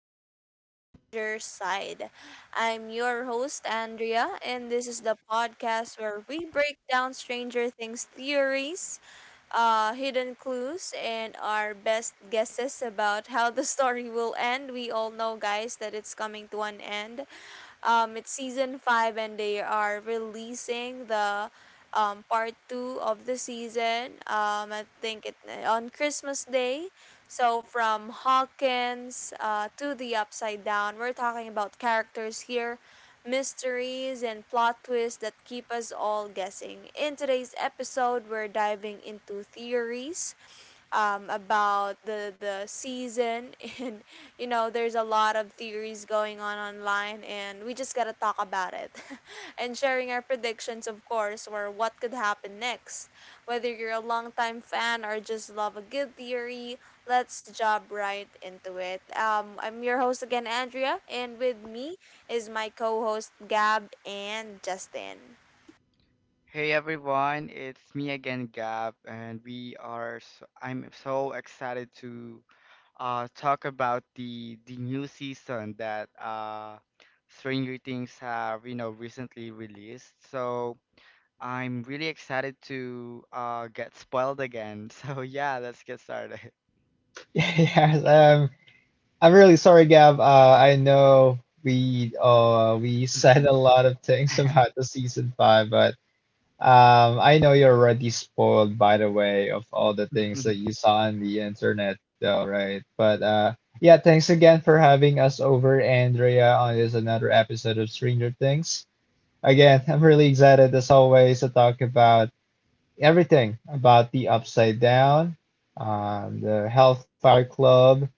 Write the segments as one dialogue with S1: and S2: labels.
S1: to The Stranger Side. I'm your host, Andrea, and this is the podcast where we break down Stranger Things theories, hidden clues, and our best guesses about how the story will end. We all know, guys, that it's coming to an end. It's season 5, and they are releasing the part two of the season. I think it on Christmas Day. So from Hawkins to the Upside Down, we're talking about characters here, mysteries and plot twists that keep us all guessing. In today's episode, we're diving into theories about the season and you know there's a lot of theories going on online, and we just gotta talk about it and sharing our predictions, of course, or what could happen next, whether you're a longtime fan or just love a good theory. Let's jump right into it. I'm your host again, Andrea, and with me is my co-host Gab and Justin.
S2: Hey everyone, it's me again, Gab, and we are. I'm so excited to talk about the new season that Stranger Things have recently released. So I'm really excited to get spoiled again. So yeah, let's get started.
S3: Yes, I'm really sorry, Gab. I know we said a lot of things about the season five. But I know you're already spoiled by the way of all the things
S2: Mhm.
S3: that you saw on the internet, though, right? But yeah, thanks again for having us over, Andrea, on this another episode of Stranger Things. Again, I'm really excited as always to talk about everything about the Upside Down, the Hellfire Club,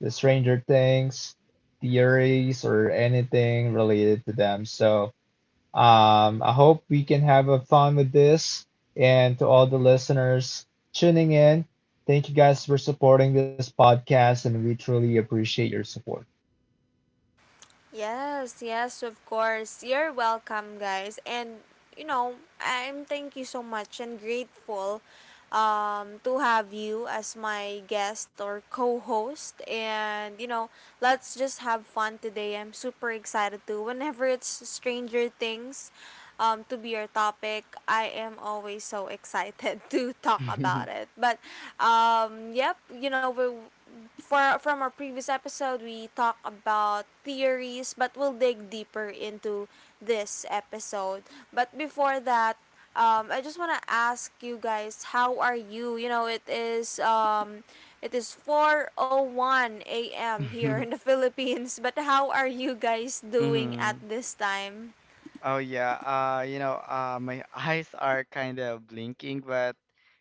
S3: the Stranger Things theories, or anything related to them. So I hope we can have a fun with this. And to all the listeners tuning in, thank you guys for supporting this podcast, and we truly appreciate your support.
S1: Yes, yes, of course. You're welcome, guys. And you know, I'm thank you so much and grateful to have you as my guest or co-host. And you know, let's just have fun today. I'm super excited to whenever it's Stranger Things to be your topic. I am always so excited to talk about it. But yep, you know, we for from our previous episode we talk about theories, but we'll dig deeper into this episode. But before that, I just want to ask you guys how are you. You know, it is 4:01 a.m. here in the Philippines. But how are you guys doing at this time?
S2: Oh yeah, my eyes are kind of blinking, but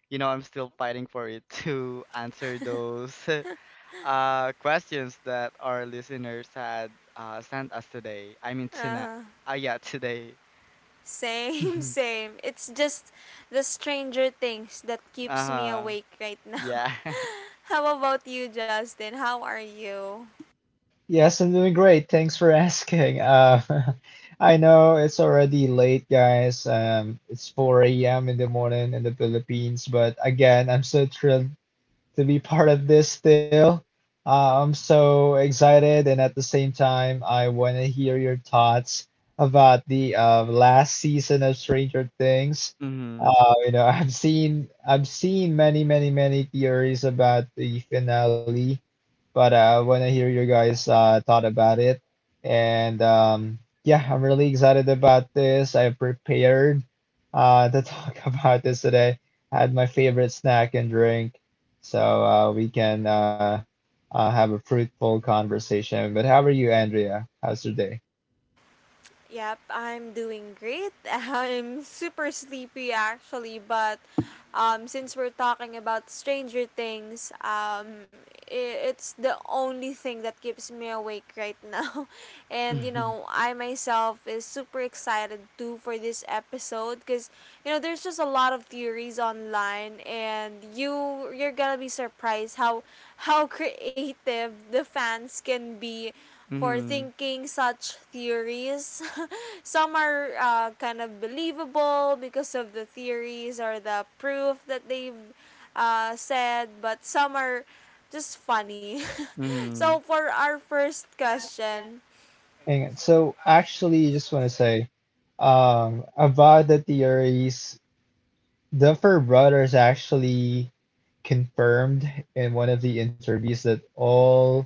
S2: I'm still fighting for it to answer those questions that our listeners had sent us today. I mean tonight.
S1: uh,
S2: Yeah, today.
S1: Same same it's just the stranger things that keeps me
S2: Uh-huh.
S1: awake right now.
S2: Yeah.
S1: How about you, Justin? How are you?
S3: Yes, I'm doing great. Thanks for asking. I know it's already late, guys. It's 4 a.m. in the morning in the Philippines, but again, I'm so thrilled to be part of this still. I'm so excited, and at the same time, I want to hear your thoughts about the last season of Stranger Things.
S2: Mm-hmm.
S3: I've seen many, many, many theories about the finale, but I want to hear your guys' thought about it. And yeah, I'm really excited about this. I prepared to talk about this today. I had my favorite snack and drink, so we can have a fruitful conversation. But how are you, Andrea? How's your day?
S1: Yep, I'm doing great. I'm super sleepy actually, but since we're talking about Stranger Things, I it's the only thing that keeps me awake right now. And you know, I myself is super excited too for this episode, because you know there's just a lot of theories online, and you're gonna be surprised how creative the fans can be for
S2: Mm-hmm.
S1: thinking such theories. Some are kind of believable because of the theories or the proof that they've said, but some are just funny. So,
S2: Mm-hmm.
S1: for our first question,
S3: And so, actually, just want to say about the theories, Duffer Brothers actually confirmed in one of the interviews that all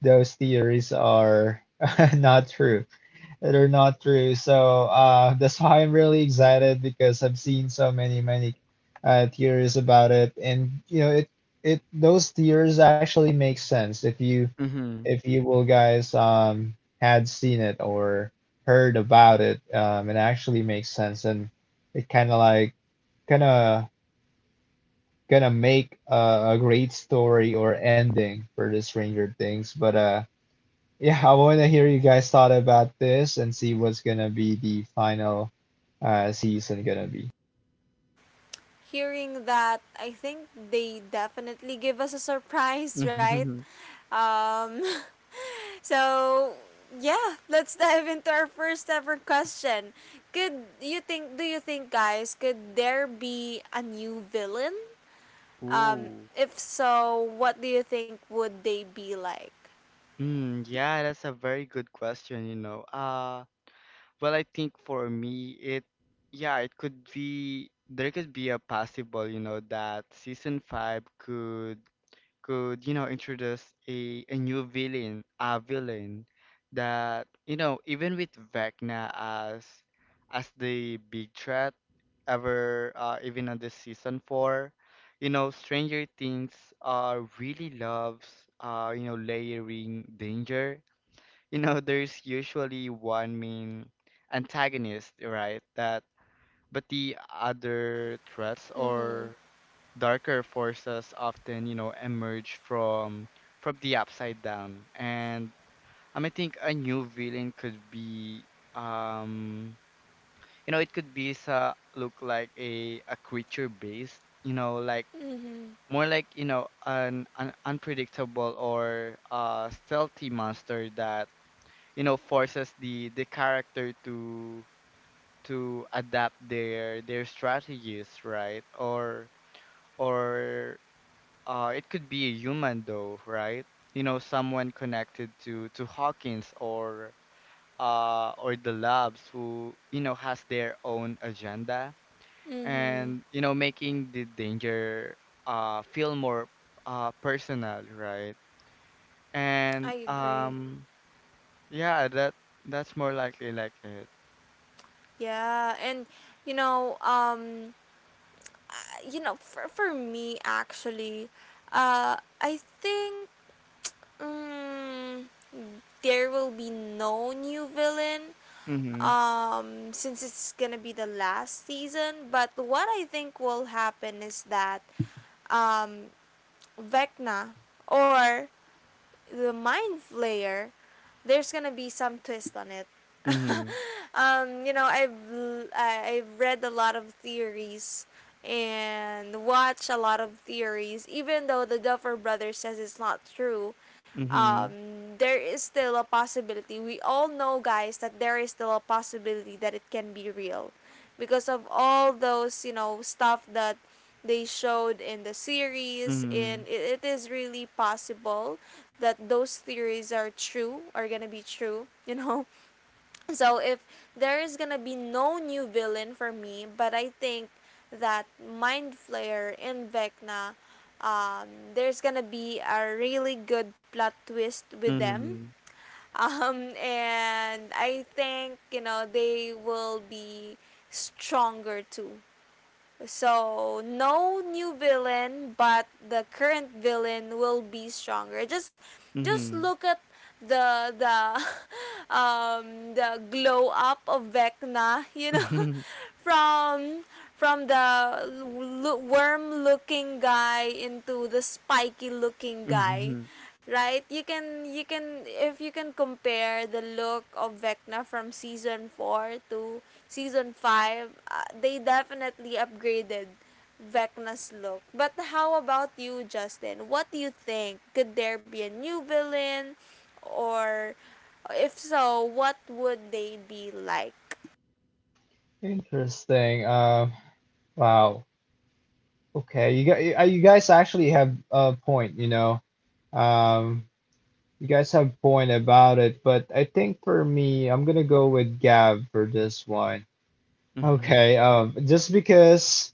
S3: those theories are not true. Not true. So that's why I'm really excited because I've seen so many theories about it, and you know it it those theories actually make sense if you
S2: Mm-hmm.
S3: if you will, guys, had seen it or heard about it. It actually makes sense, and it kind of gonna make a great story or ending for the Stranger Things, but yeah, I want to hear you guys thought about this and see what's gonna be the final season gonna be.
S1: hearing that, I think they definitely give us a surprise,
S2: Mm-hmm.
S1: right?
S2: Mm-hmm.
S1: Um, So, yeah, let's dive into our first ever question. Could you think do you think, guys, could there be a new villain? Um
S2: Ooh.
S1: if so, what do you think would they be like?
S2: Yeah, that's a very good question, Well, I think for me, yeah, there could be a possible, that season five could, introduce a new villain, a villain that, even with Vecna as the big threat ever, even on this season four, Stranger Things, really loves, layering danger. You know there's usually one main antagonist, right? that But the other threats
S1: Mhm.
S2: or darker forces often emerge from the upside down. And I think a new villain could be um it could be sa look like a creature based like
S1: Mhm.
S2: more like, an unpredictable or stealthy monster that forces the character to adapt their strategies, right? Or it could be a human though, right? You know, someone connected to Hawkins, or the labs, who, has their own agenda
S1: Mhm.
S2: and, making the danger feel more personal, right?
S1: I
S2: and
S1: agree.
S2: Yeah, that, that's more likely like it.
S1: Yeah, and you know, um, you know, for me actually, I think um, there will be no new villain
S2: mhm
S1: since it's gonna be the last season. But what I think will happen is that um Vecna or the Mind Flayer, there's gonna be some twist on it.
S2: Mhm,
S1: You know, I have read a lot of theories and watched a lot of theories, even though the Duffer Brothers says it's not true.
S2: mhm,
S1: There is still a possibility. We all know, guys, that there is still a possibility that it can be real, because of all those you know stuff that they showed in the series.
S2: mhm,
S1: And it is really possible that those theories are gonna be true. You know, so if there is gonna be no new villain for me, but I think that Mind Flayer and Vecna, um, there's gonna be a really good plot twist with them.
S2: mhm,
S1: And I think, you know, they will be stronger too. So no new villain, but the current villain will be stronger. Just
S2: mhm.
S1: look at the the glow up of Vecna, you know. From the worm looking guy into the spiky looking guy,
S2: Mhm,
S1: right? You can if you can compare the look of Vecna from season 4 to season 5, they definitely upgraded Vecna's look. But how about you, Justin? What do you think? Could there be a new villain, or if so, what would they be like?
S3: Interesting. Wow. Okay, you guys actually have a point. You know, um, you guys have a point about it, but I think for me, I'm gonna go with Gav for this one.
S2: mhm.
S3: Okay. Just because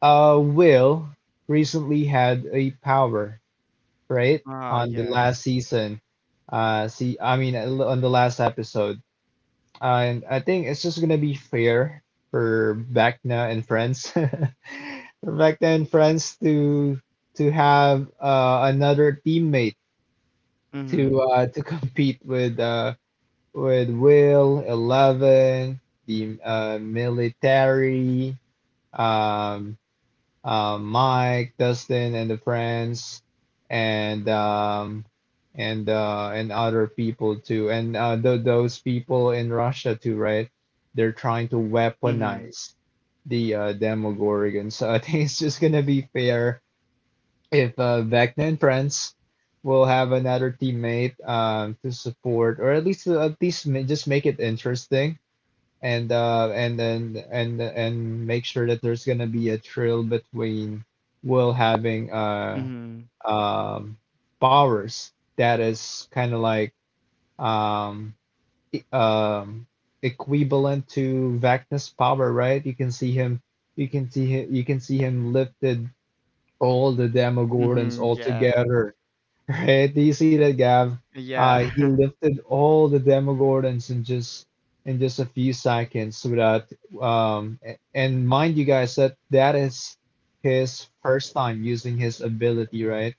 S3: Will recently had a power, right?
S2: Ah,
S3: On the
S2: yeah.
S3: last season. See, I mean, on the last episode. And I think it's just gonna be fair for Vecna and friends, for Vecna and friends to have another teammate
S2: Mhm,
S3: to compete with Will, Eleven, the military, um, Mike, Dustin, and the friends, and and other people too, and those people in Russia too, right? They're trying to
S2: mhm,
S3: weaponize the Demogorgon. So I think it's just gonna be fair if Vecna and friends will have another teammate, to support, or at least just make it interesting, and then and make sure that there's gonna be a trail between Will having
S2: mhm,
S3: um powers that is kind of like um e- um equivalent to Vecna's power, right? You can see him, you can see him lifted all the Demogorgons
S2: mhm,
S3: all
S2: yeah.
S3: together. Right? Do you see that, Gav? He
S2: Yeah.
S3: lifted all the Demogorgons in just a few seconds without and mind you guys that that is his first time using his ability, right?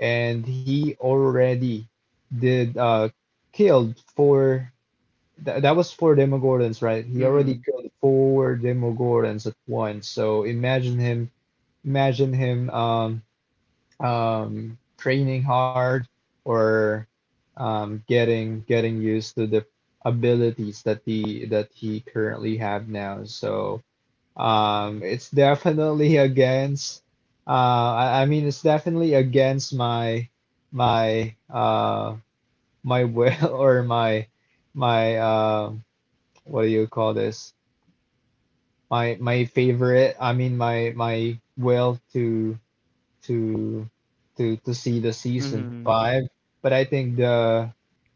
S3: And he already did killed four, that was four Demogorgons, right? He already
S2: Mhm,
S3: killed four Demogorgons at once. So imagine him, imagine him um training hard, or getting used to the abilities that the that he currently have now. So it's definitely against. I mean, it's definitely against my my uh, my will, or my my uh, what do you call this? My favorite. I mean, my will to to see the season
S2: mhm,
S3: five. But I think the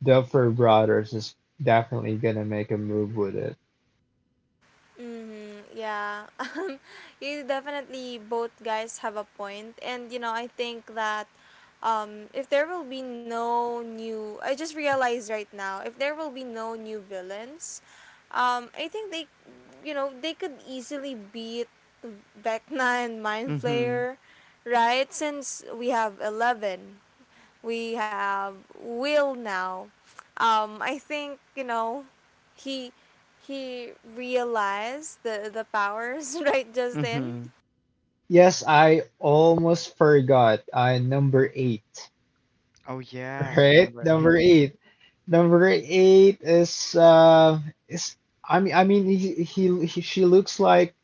S3: Duffer Brothers is definitely gonna make a move with it.
S1: Mm-hmm. Yeah. Um, you definitely both guys have a point. And, you know, I think that if there will be no new. I just realized right now, if there will be no new villains, I think they, you know, they could easily beat Vecna and Mind
S2: mhm,
S1: Flayer, right? Since we have Eleven we have Will now. I think, you know, he he realized the powers right just then.
S2: mhm.
S3: Yes, I almost forgot. Number eight,
S2: Oh, yeah,
S3: right?
S2: number
S3: Number
S2: eight.
S3: eight. Number eight is, I mean, I mean he she looks like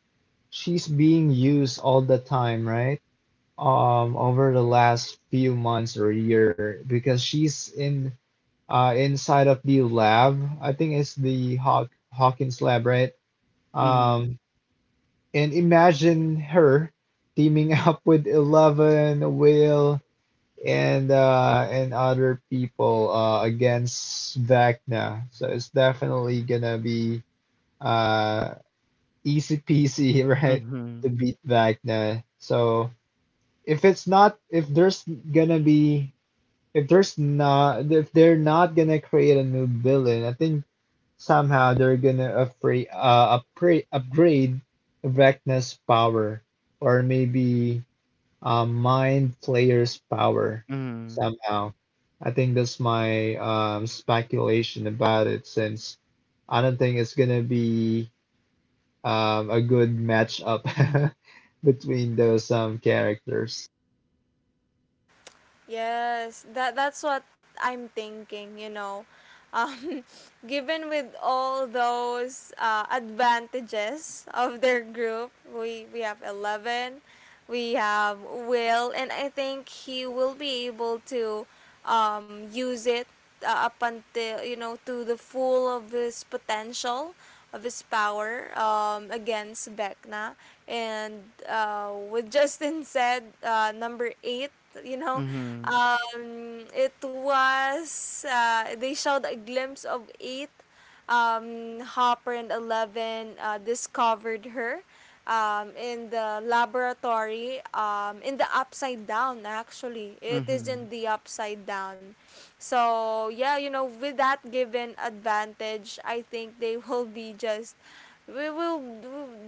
S3: she's being used all the time, right? Over the last few months or year, because she's in inside of the lab. I think it's the Hawkins lab, right?
S2: Mhm,
S3: Um, and imagine her teaming up with Eleven, Will, and other people, against Vecna. So it's definitely gonna be uh, easy peasy, right, to
S2: mhm,
S3: beat Vecna. So if it's not, if there's gonna be, if they're not gonna create a new villain, I think somehow they're gonna upgrade, upgrade Vecna's power, or maybe Mind Flayer's power
S2: mhm,
S3: somehow. I think that's my speculation about it, since I don't think it's gonna be a good matchup between those characters.
S1: Yes, that that's what I'm thinking. You know, um, given with all those advantages of their group, we have Eleven, we have Will, and I think he will be able to use it up until you know to the full of his potential of his power against Vecna. And with Justin said, number eight, you know,
S2: mhm,
S1: it was, they showed a glimpse of eight, Hopper and Eleven discovered her in the laboratory, in the upside down, actually. It is
S2: mhm,
S1: in the upside down. So, yeah, you know, with that given advantage, I think they will be just. We will.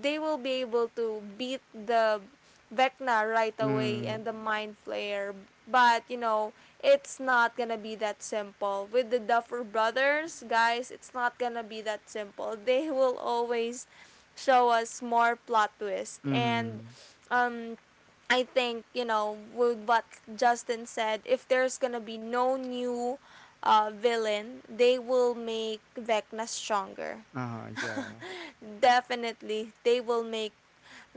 S1: They will be able to beat the Vecna right away and
S2: mhm,
S1: the Mind Flayer. But, you know, it's not gonna be that simple. With the Duffer Brothers, guys, it's not gonna be that simple. They will always show us more plot twists. And
S2: mhm.
S1: um, I think, you know, with what Justin said, if there's gonna be no new villain, they will make Vecna stronger.
S2: Ah, yeah.
S1: Definitely they will make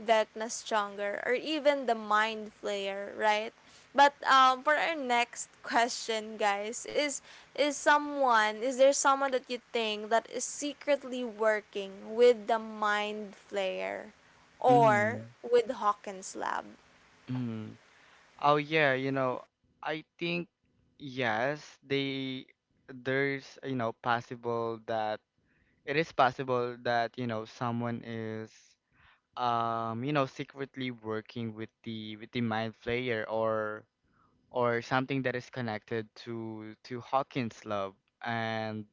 S1: Vecna stronger, or even the Mind Flayer, right? But for our next question, guys, is there someone that you think that is secretly working with the Mind Flayer or
S2: Mhm,
S1: with Hawkins Lab?
S2: mhm. Oh yeah, I think yes, they there's possible that it is possible that, someone is secretly working with the mind flayer, or something that is connected to Hawkins love. And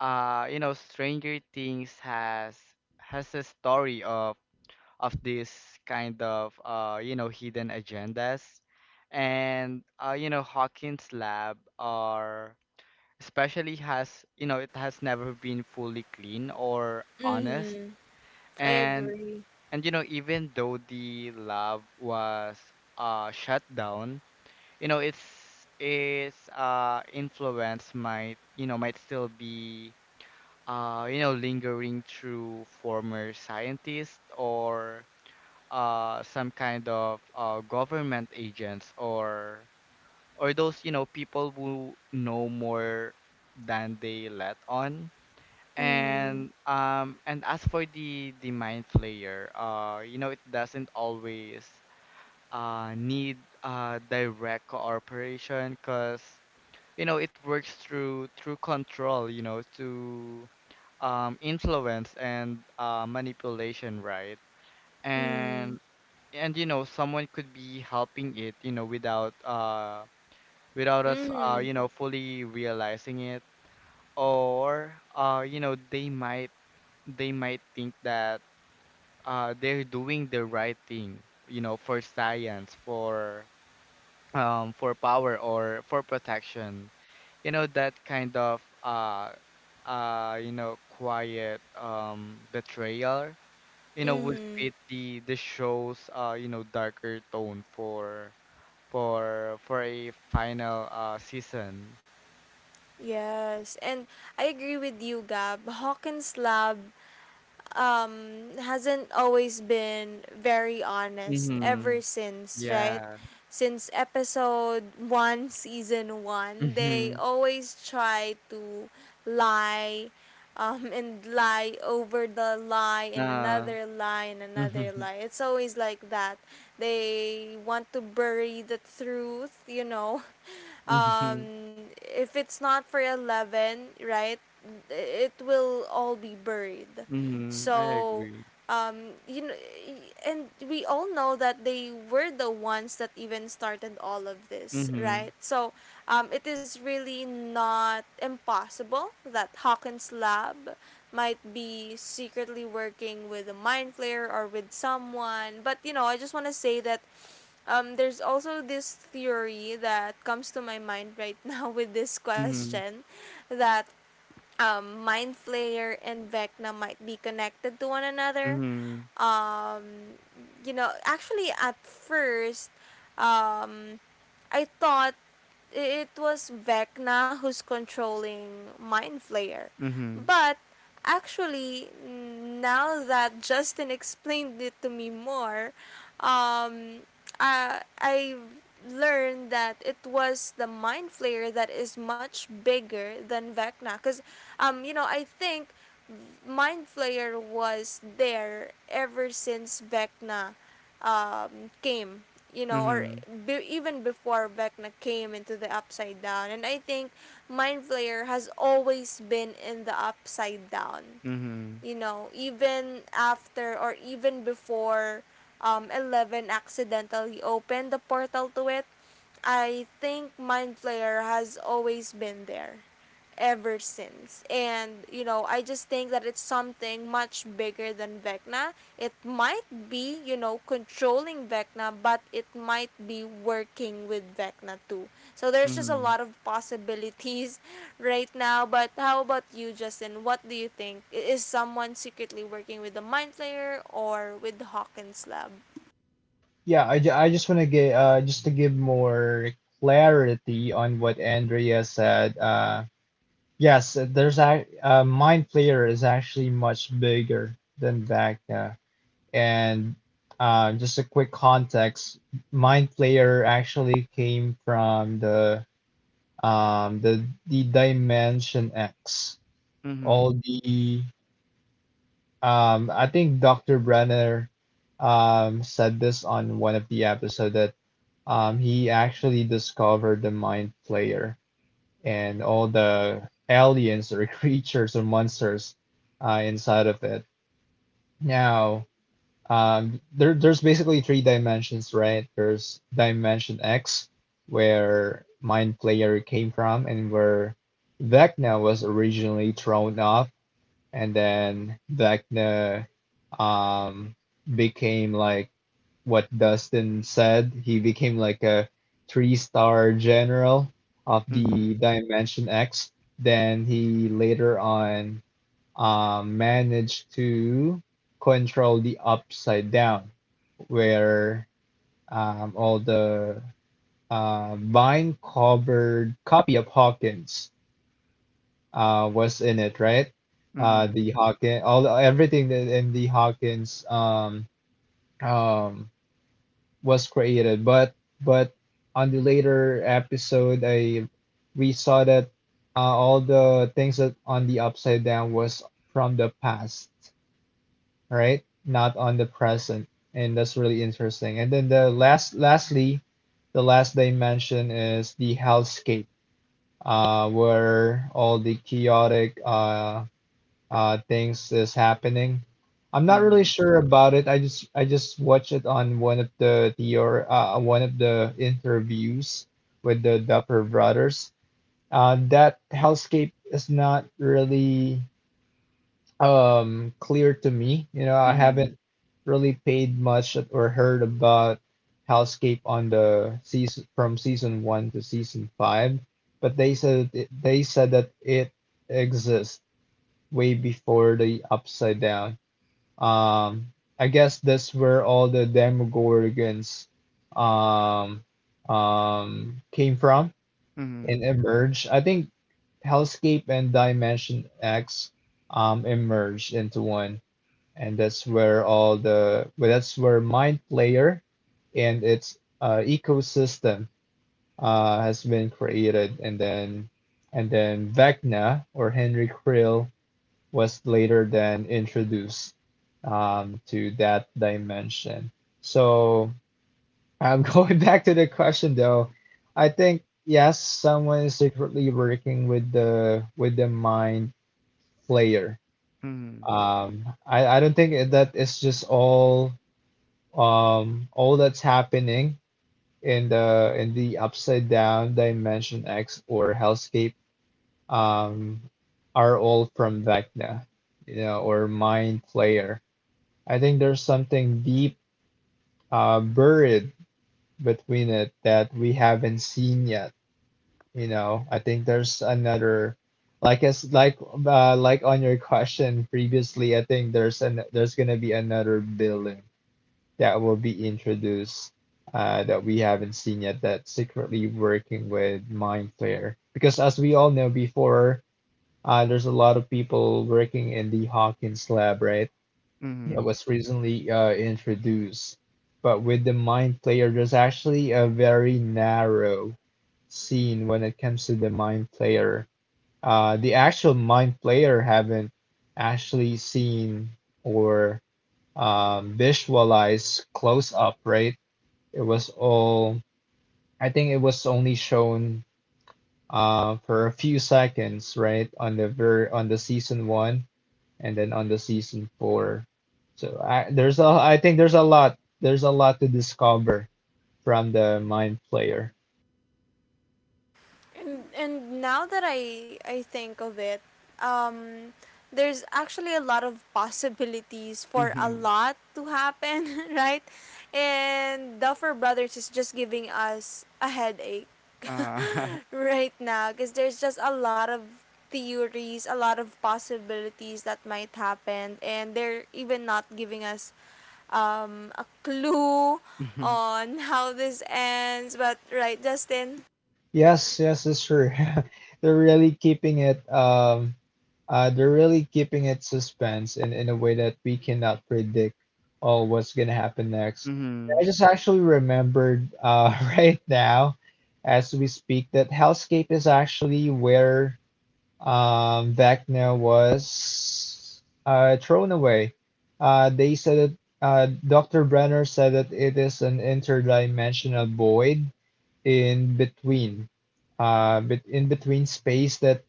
S2: You know, Stranger Things has a story of this kind of hidden agendas, and, Hawkins lab are especially has, it has never been fully clean or honest.
S1: Mm-hmm. I
S2: and
S1: agree.
S2: and, even though the lab was shut down, its influence might, might still be lingering through former scientists, or some kind of government agents, or those, people who know more than they let on.
S1: Mm,
S2: And as for the mind flayer, it doesn't always need direct cooperation, because, it works through control, to influence and manipulation, right?
S1: mm,
S2: and and, someone could be helping it, without us,
S1: mm,
S2: fully realizing it. Or they might, they might think that they're doing the right thing, for science, for power, or for protection. You know, that kind of quiet betrayal, would
S1: mm.
S2: fit the show's darker tone for for a final season.
S1: Yes, and I agree with you, Gab. Hawkins Lab hasn't always been very honest
S2: Mm-hmm.
S1: ever since, right?
S2: Yeah.
S1: Since episode 1, season 1, they
S2: Mm-hmm.
S1: always try to lie and lie over the lie and
S2: Uh,
S1: another lie and another
S2: mm-hmm.
S1: lie. It's always like that. They want to bury the truth, you know.
S2: Mm-hmm.
S1: If it's not for Eleven, right, it will all be buried.
S2: Mm-hmm. I
S1: So,
S2: agree.
S1: you know, and we all know that they were the ones that even started all of this,
S2: Mm-hmm.
S1: right? So, it is really not impossible that Hawkins Lab might be secretly working with a Mind Flayer or with someone. But, you know, I just want to say that there's also this theory that comes to my mind right now with this
S2: Mm-hmm.
S1: question, that Mind Flayer and Vecna might be connected to one another.
S2: Mm-hmm.
S1: Um, you know, actually, at first, um, I thought it was Vecna who's controlling Mind Flayer. But actually, now that Justin explained it to me more, um, I learned that it was the Mind Flayer that is much bigger than Vecna. Because, you know, I think Mind Flayer was there ever since Vecna came, you know, or
S2: Mm-hmm.
S1: even before Vecna came into the Upside Down. And I think Mindflayer has always been in the Upside Down,
S2: Mm-hmm.
S1: you know, even after or even before Eleven accidentally opened the portal to it. I think Mindflayer has always been there ever since. And you know, I just think that it's something much bigger than Vecna. It might be, you know, controlling Vecna, but it might be working with Vecna too. So there's just a
S2: Mm-hmm.
S1: lot of possibilities right now. But how about you, Justin? What do you think? Is someone secretly working with the Mind Flayer or with Hawkins Lab?
S3: Yeah, I just want to get, just to give more clarity on what Andrea said. Yes, there's a Mind Flayer is actually much bigger than Vecna. And just a quick context, Mind Flayer actually came from the the Dimension X.
S2: Mm-hmm. Mm-hmm.
S3: All the I think Dr. Brenner said this on one of the episodes that he actually discovered the Mind Flayer, and all the aliens or creatures or monsters inside of it. Now, there's basically three dimensions, right? There's Dimension X, where Mind Player came from, and where Vecna was originally thrown off, and then like um became like what Dustin said. He became like a three-star general of the Dimension X. Then he later on managed to control the Upside Down, where all the vine-covered copy of Hawkins was in it, right?
S2: Mm-hmm.
S3: All everything that in the Hawkins um, was created. But on the later episode, I we saw that all the things that on the upside down was from the past, right? Not on the present, and that's really interesting. And then lastly, the last dimension is the hellscape, where all the chaotic things is happening. I'm not
S2: Mm-hmm.
S3: really
S2: Mm-hmm.
S3: sure about it. I just watched it on one of the one of the interviews with the Dupper brothers. That hellscape is not really clear to me. You know, I
S2: Mm-hmm.
S3: haven't really paid much or heard about hellscape on the season from season one to season five, but they said that it exists way before the Upside Down. Um, I guess that's where all the Demogorgons um, came from and emerged. I think Hellscape and Dimension X emerged into one, and that's where all the that's where Mind Player and its ecosystem has been created, and then Vecna, or Henry Krill, was later then introduced to that dimension. So I'm going back to the question though. I think yes, someone is secretly working with the mind player.
S2: Mm-hmm. Mm-hmm.
S3: I don't think that it's just all that's happening in the upside down, Dimension X, or hellscape um are all from Vecna, you know, or mind player. I think there's something deep buried between it that we haven't seen yet. You know, I think there's another, like as like on your question previously. I think there's gonna be another building that will be introduced, that we haven't seen yet, that's secretly working with Mindflayer. Because, as we all know before, there's a lot of people working in the Hawkins lab, right, that
S2: Mm-hmm.
S3: was recently introduced. But with the Mind Player, there's actually a very narrow scene when it comes to the Mind Player. The actual Mind Player haven't actually seen or visualized close up, right? It was all, I think it was only shown for a few seconds, right, on the ver on the season one, and then on the season four. So I think there's a lot, to discover from the mind player.
S1: And now that I think of it, um, there's actually a lot of possibilities for a
S2: Mm-hmm.
S1: lot to happen, right? And Duffer Brothers is just giving us a headache
S2: Ah.
S1: right now, because there's just a lot of theories, a lot of possibilities that might happen, and they're even not giving us a clue on how this ends. But right, Justin.
S3: Yes, yes, it's true. They're really keeping it they're really keeping it suspense in a way that we cannot predict oh what's gonna happen next.
S2: Mm-hmm.
S3: I
S2: Mm-hmm.
S3: just actually remembered right now as we speak that Hellscape is actually where Wagner was thrown away. They said that Dr. Brenner said that it is an interdimensional void in between, bet in between space. That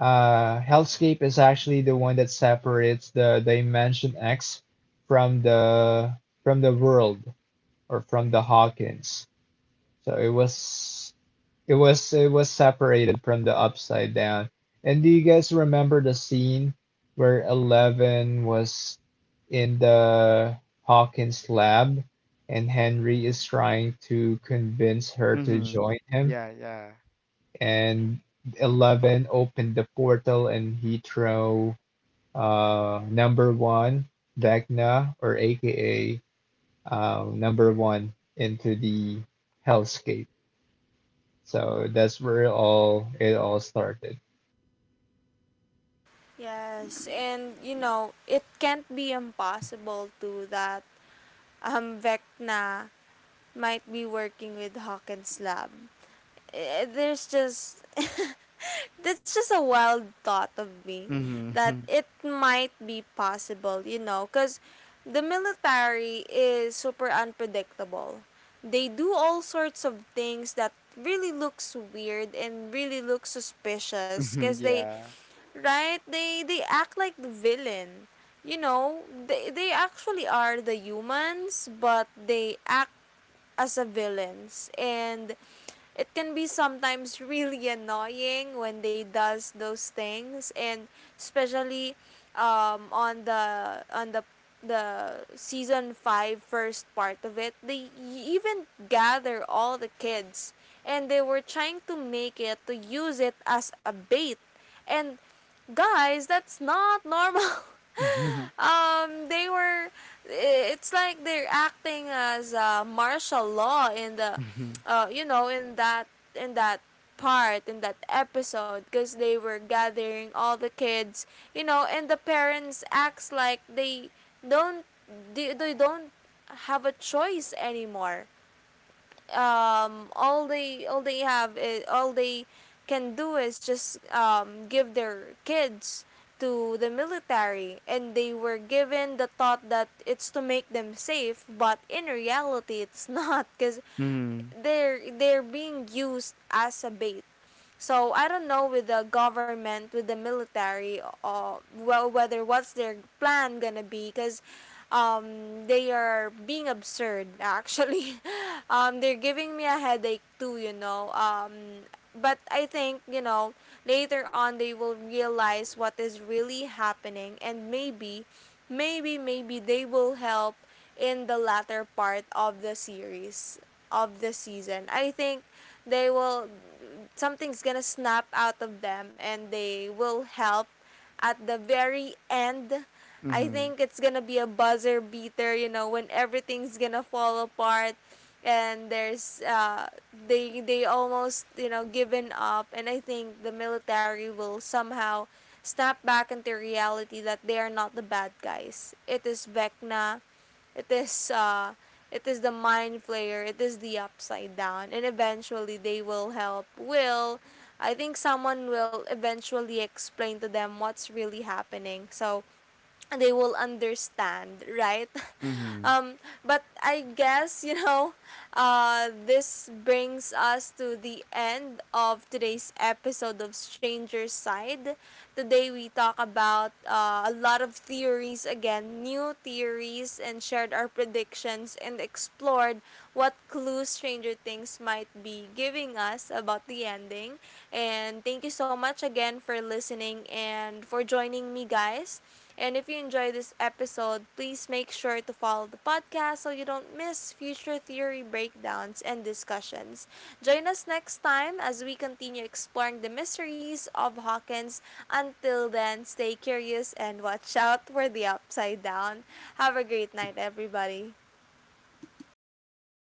S3: Hellscape is actually the one that separates the Dimension X from the world, or from the Hawkins. So it was separated from the upside down. And do you guys remember the scene where Eleven was in the Hawkins lab, and Henry is trying to convince her to
S2: Mm-hmm.
S3: join him,
S2: Yeah, yeah.
S3: and Eleven opened the portal and he throw number one, Vecna, or aka number one, into the hellscape. So that's where all it all started.
S1: Yes, and you know, it can't be impossible to that Vecna might be working with Hawkins Lab. Eh, there's just that's just a wild thought of me that
S2: Mm-hmm.
S1: it might be possible, you know, because the military is super unpredictable. They do all sorts of things that really looks weird and really looks suspicious, because they right they act like the villain. You know, they actually are the humans, but they act as a villains. And it can be sometimes really annoying when they does those things. And especially on the season 5 first part of it, they even gather all the kids and they were trying to make it to use it as a bait. And guys, that's not normal. They were. It's like they're acting as martial law in the,
S2: Yeah.
S1: you know, in that in that part in that episode, because they were gathering all the kids, you know, and the parents acts like don't they don't have a choice anymore. All they all they can do is just give their kids to the military. And they were given the thought that it's to make them safe, but in reality it's not, because
S2: Mhm,
S1: they're being used as a bait. So I don't know with the government, with the military, or well, whether what's their plan gonna be. Because they are being absurd actually. They're giving me a headache too, you know. But I think, you know, later on they will realize what is really happening. And maybe, maybe, maybe they will help in the latter part of the series of the season. I think they will something's gonna snap out of them and they will help at the very end. I
S2: mhm,
S1: think it's gonna be a buzzer beater, you know, when everything's gonna fall apart and there's they almost, you know, given up, and I think the military will somehow snap back into reality that they are not the bad guys. It is Vecna, it is uh it is the Mind Flayer, it is the Upside Down, and eventually they will help Will. I think someone will eventually explain to them what's really happening. So they will understand, right?
S2: mhm.
S1: Um, but I guess, you know, this brings us to the end of today's episode of Stranger Side. Today we talk about a lot of theories again, new theories, and shared our predictions and explored what clues Stranger Things might be giving us about the ending. And thank you so much again for listening and for joining me, guys. And if you enjoy this episode, please make sure to follow the podcast so you don't miss future theory breakdowns and discussions. Join us next time as we continue exploring the mysteries of Hawkins. Until then, stay curious and watch out for the Upside Down. Have a great night, everybody.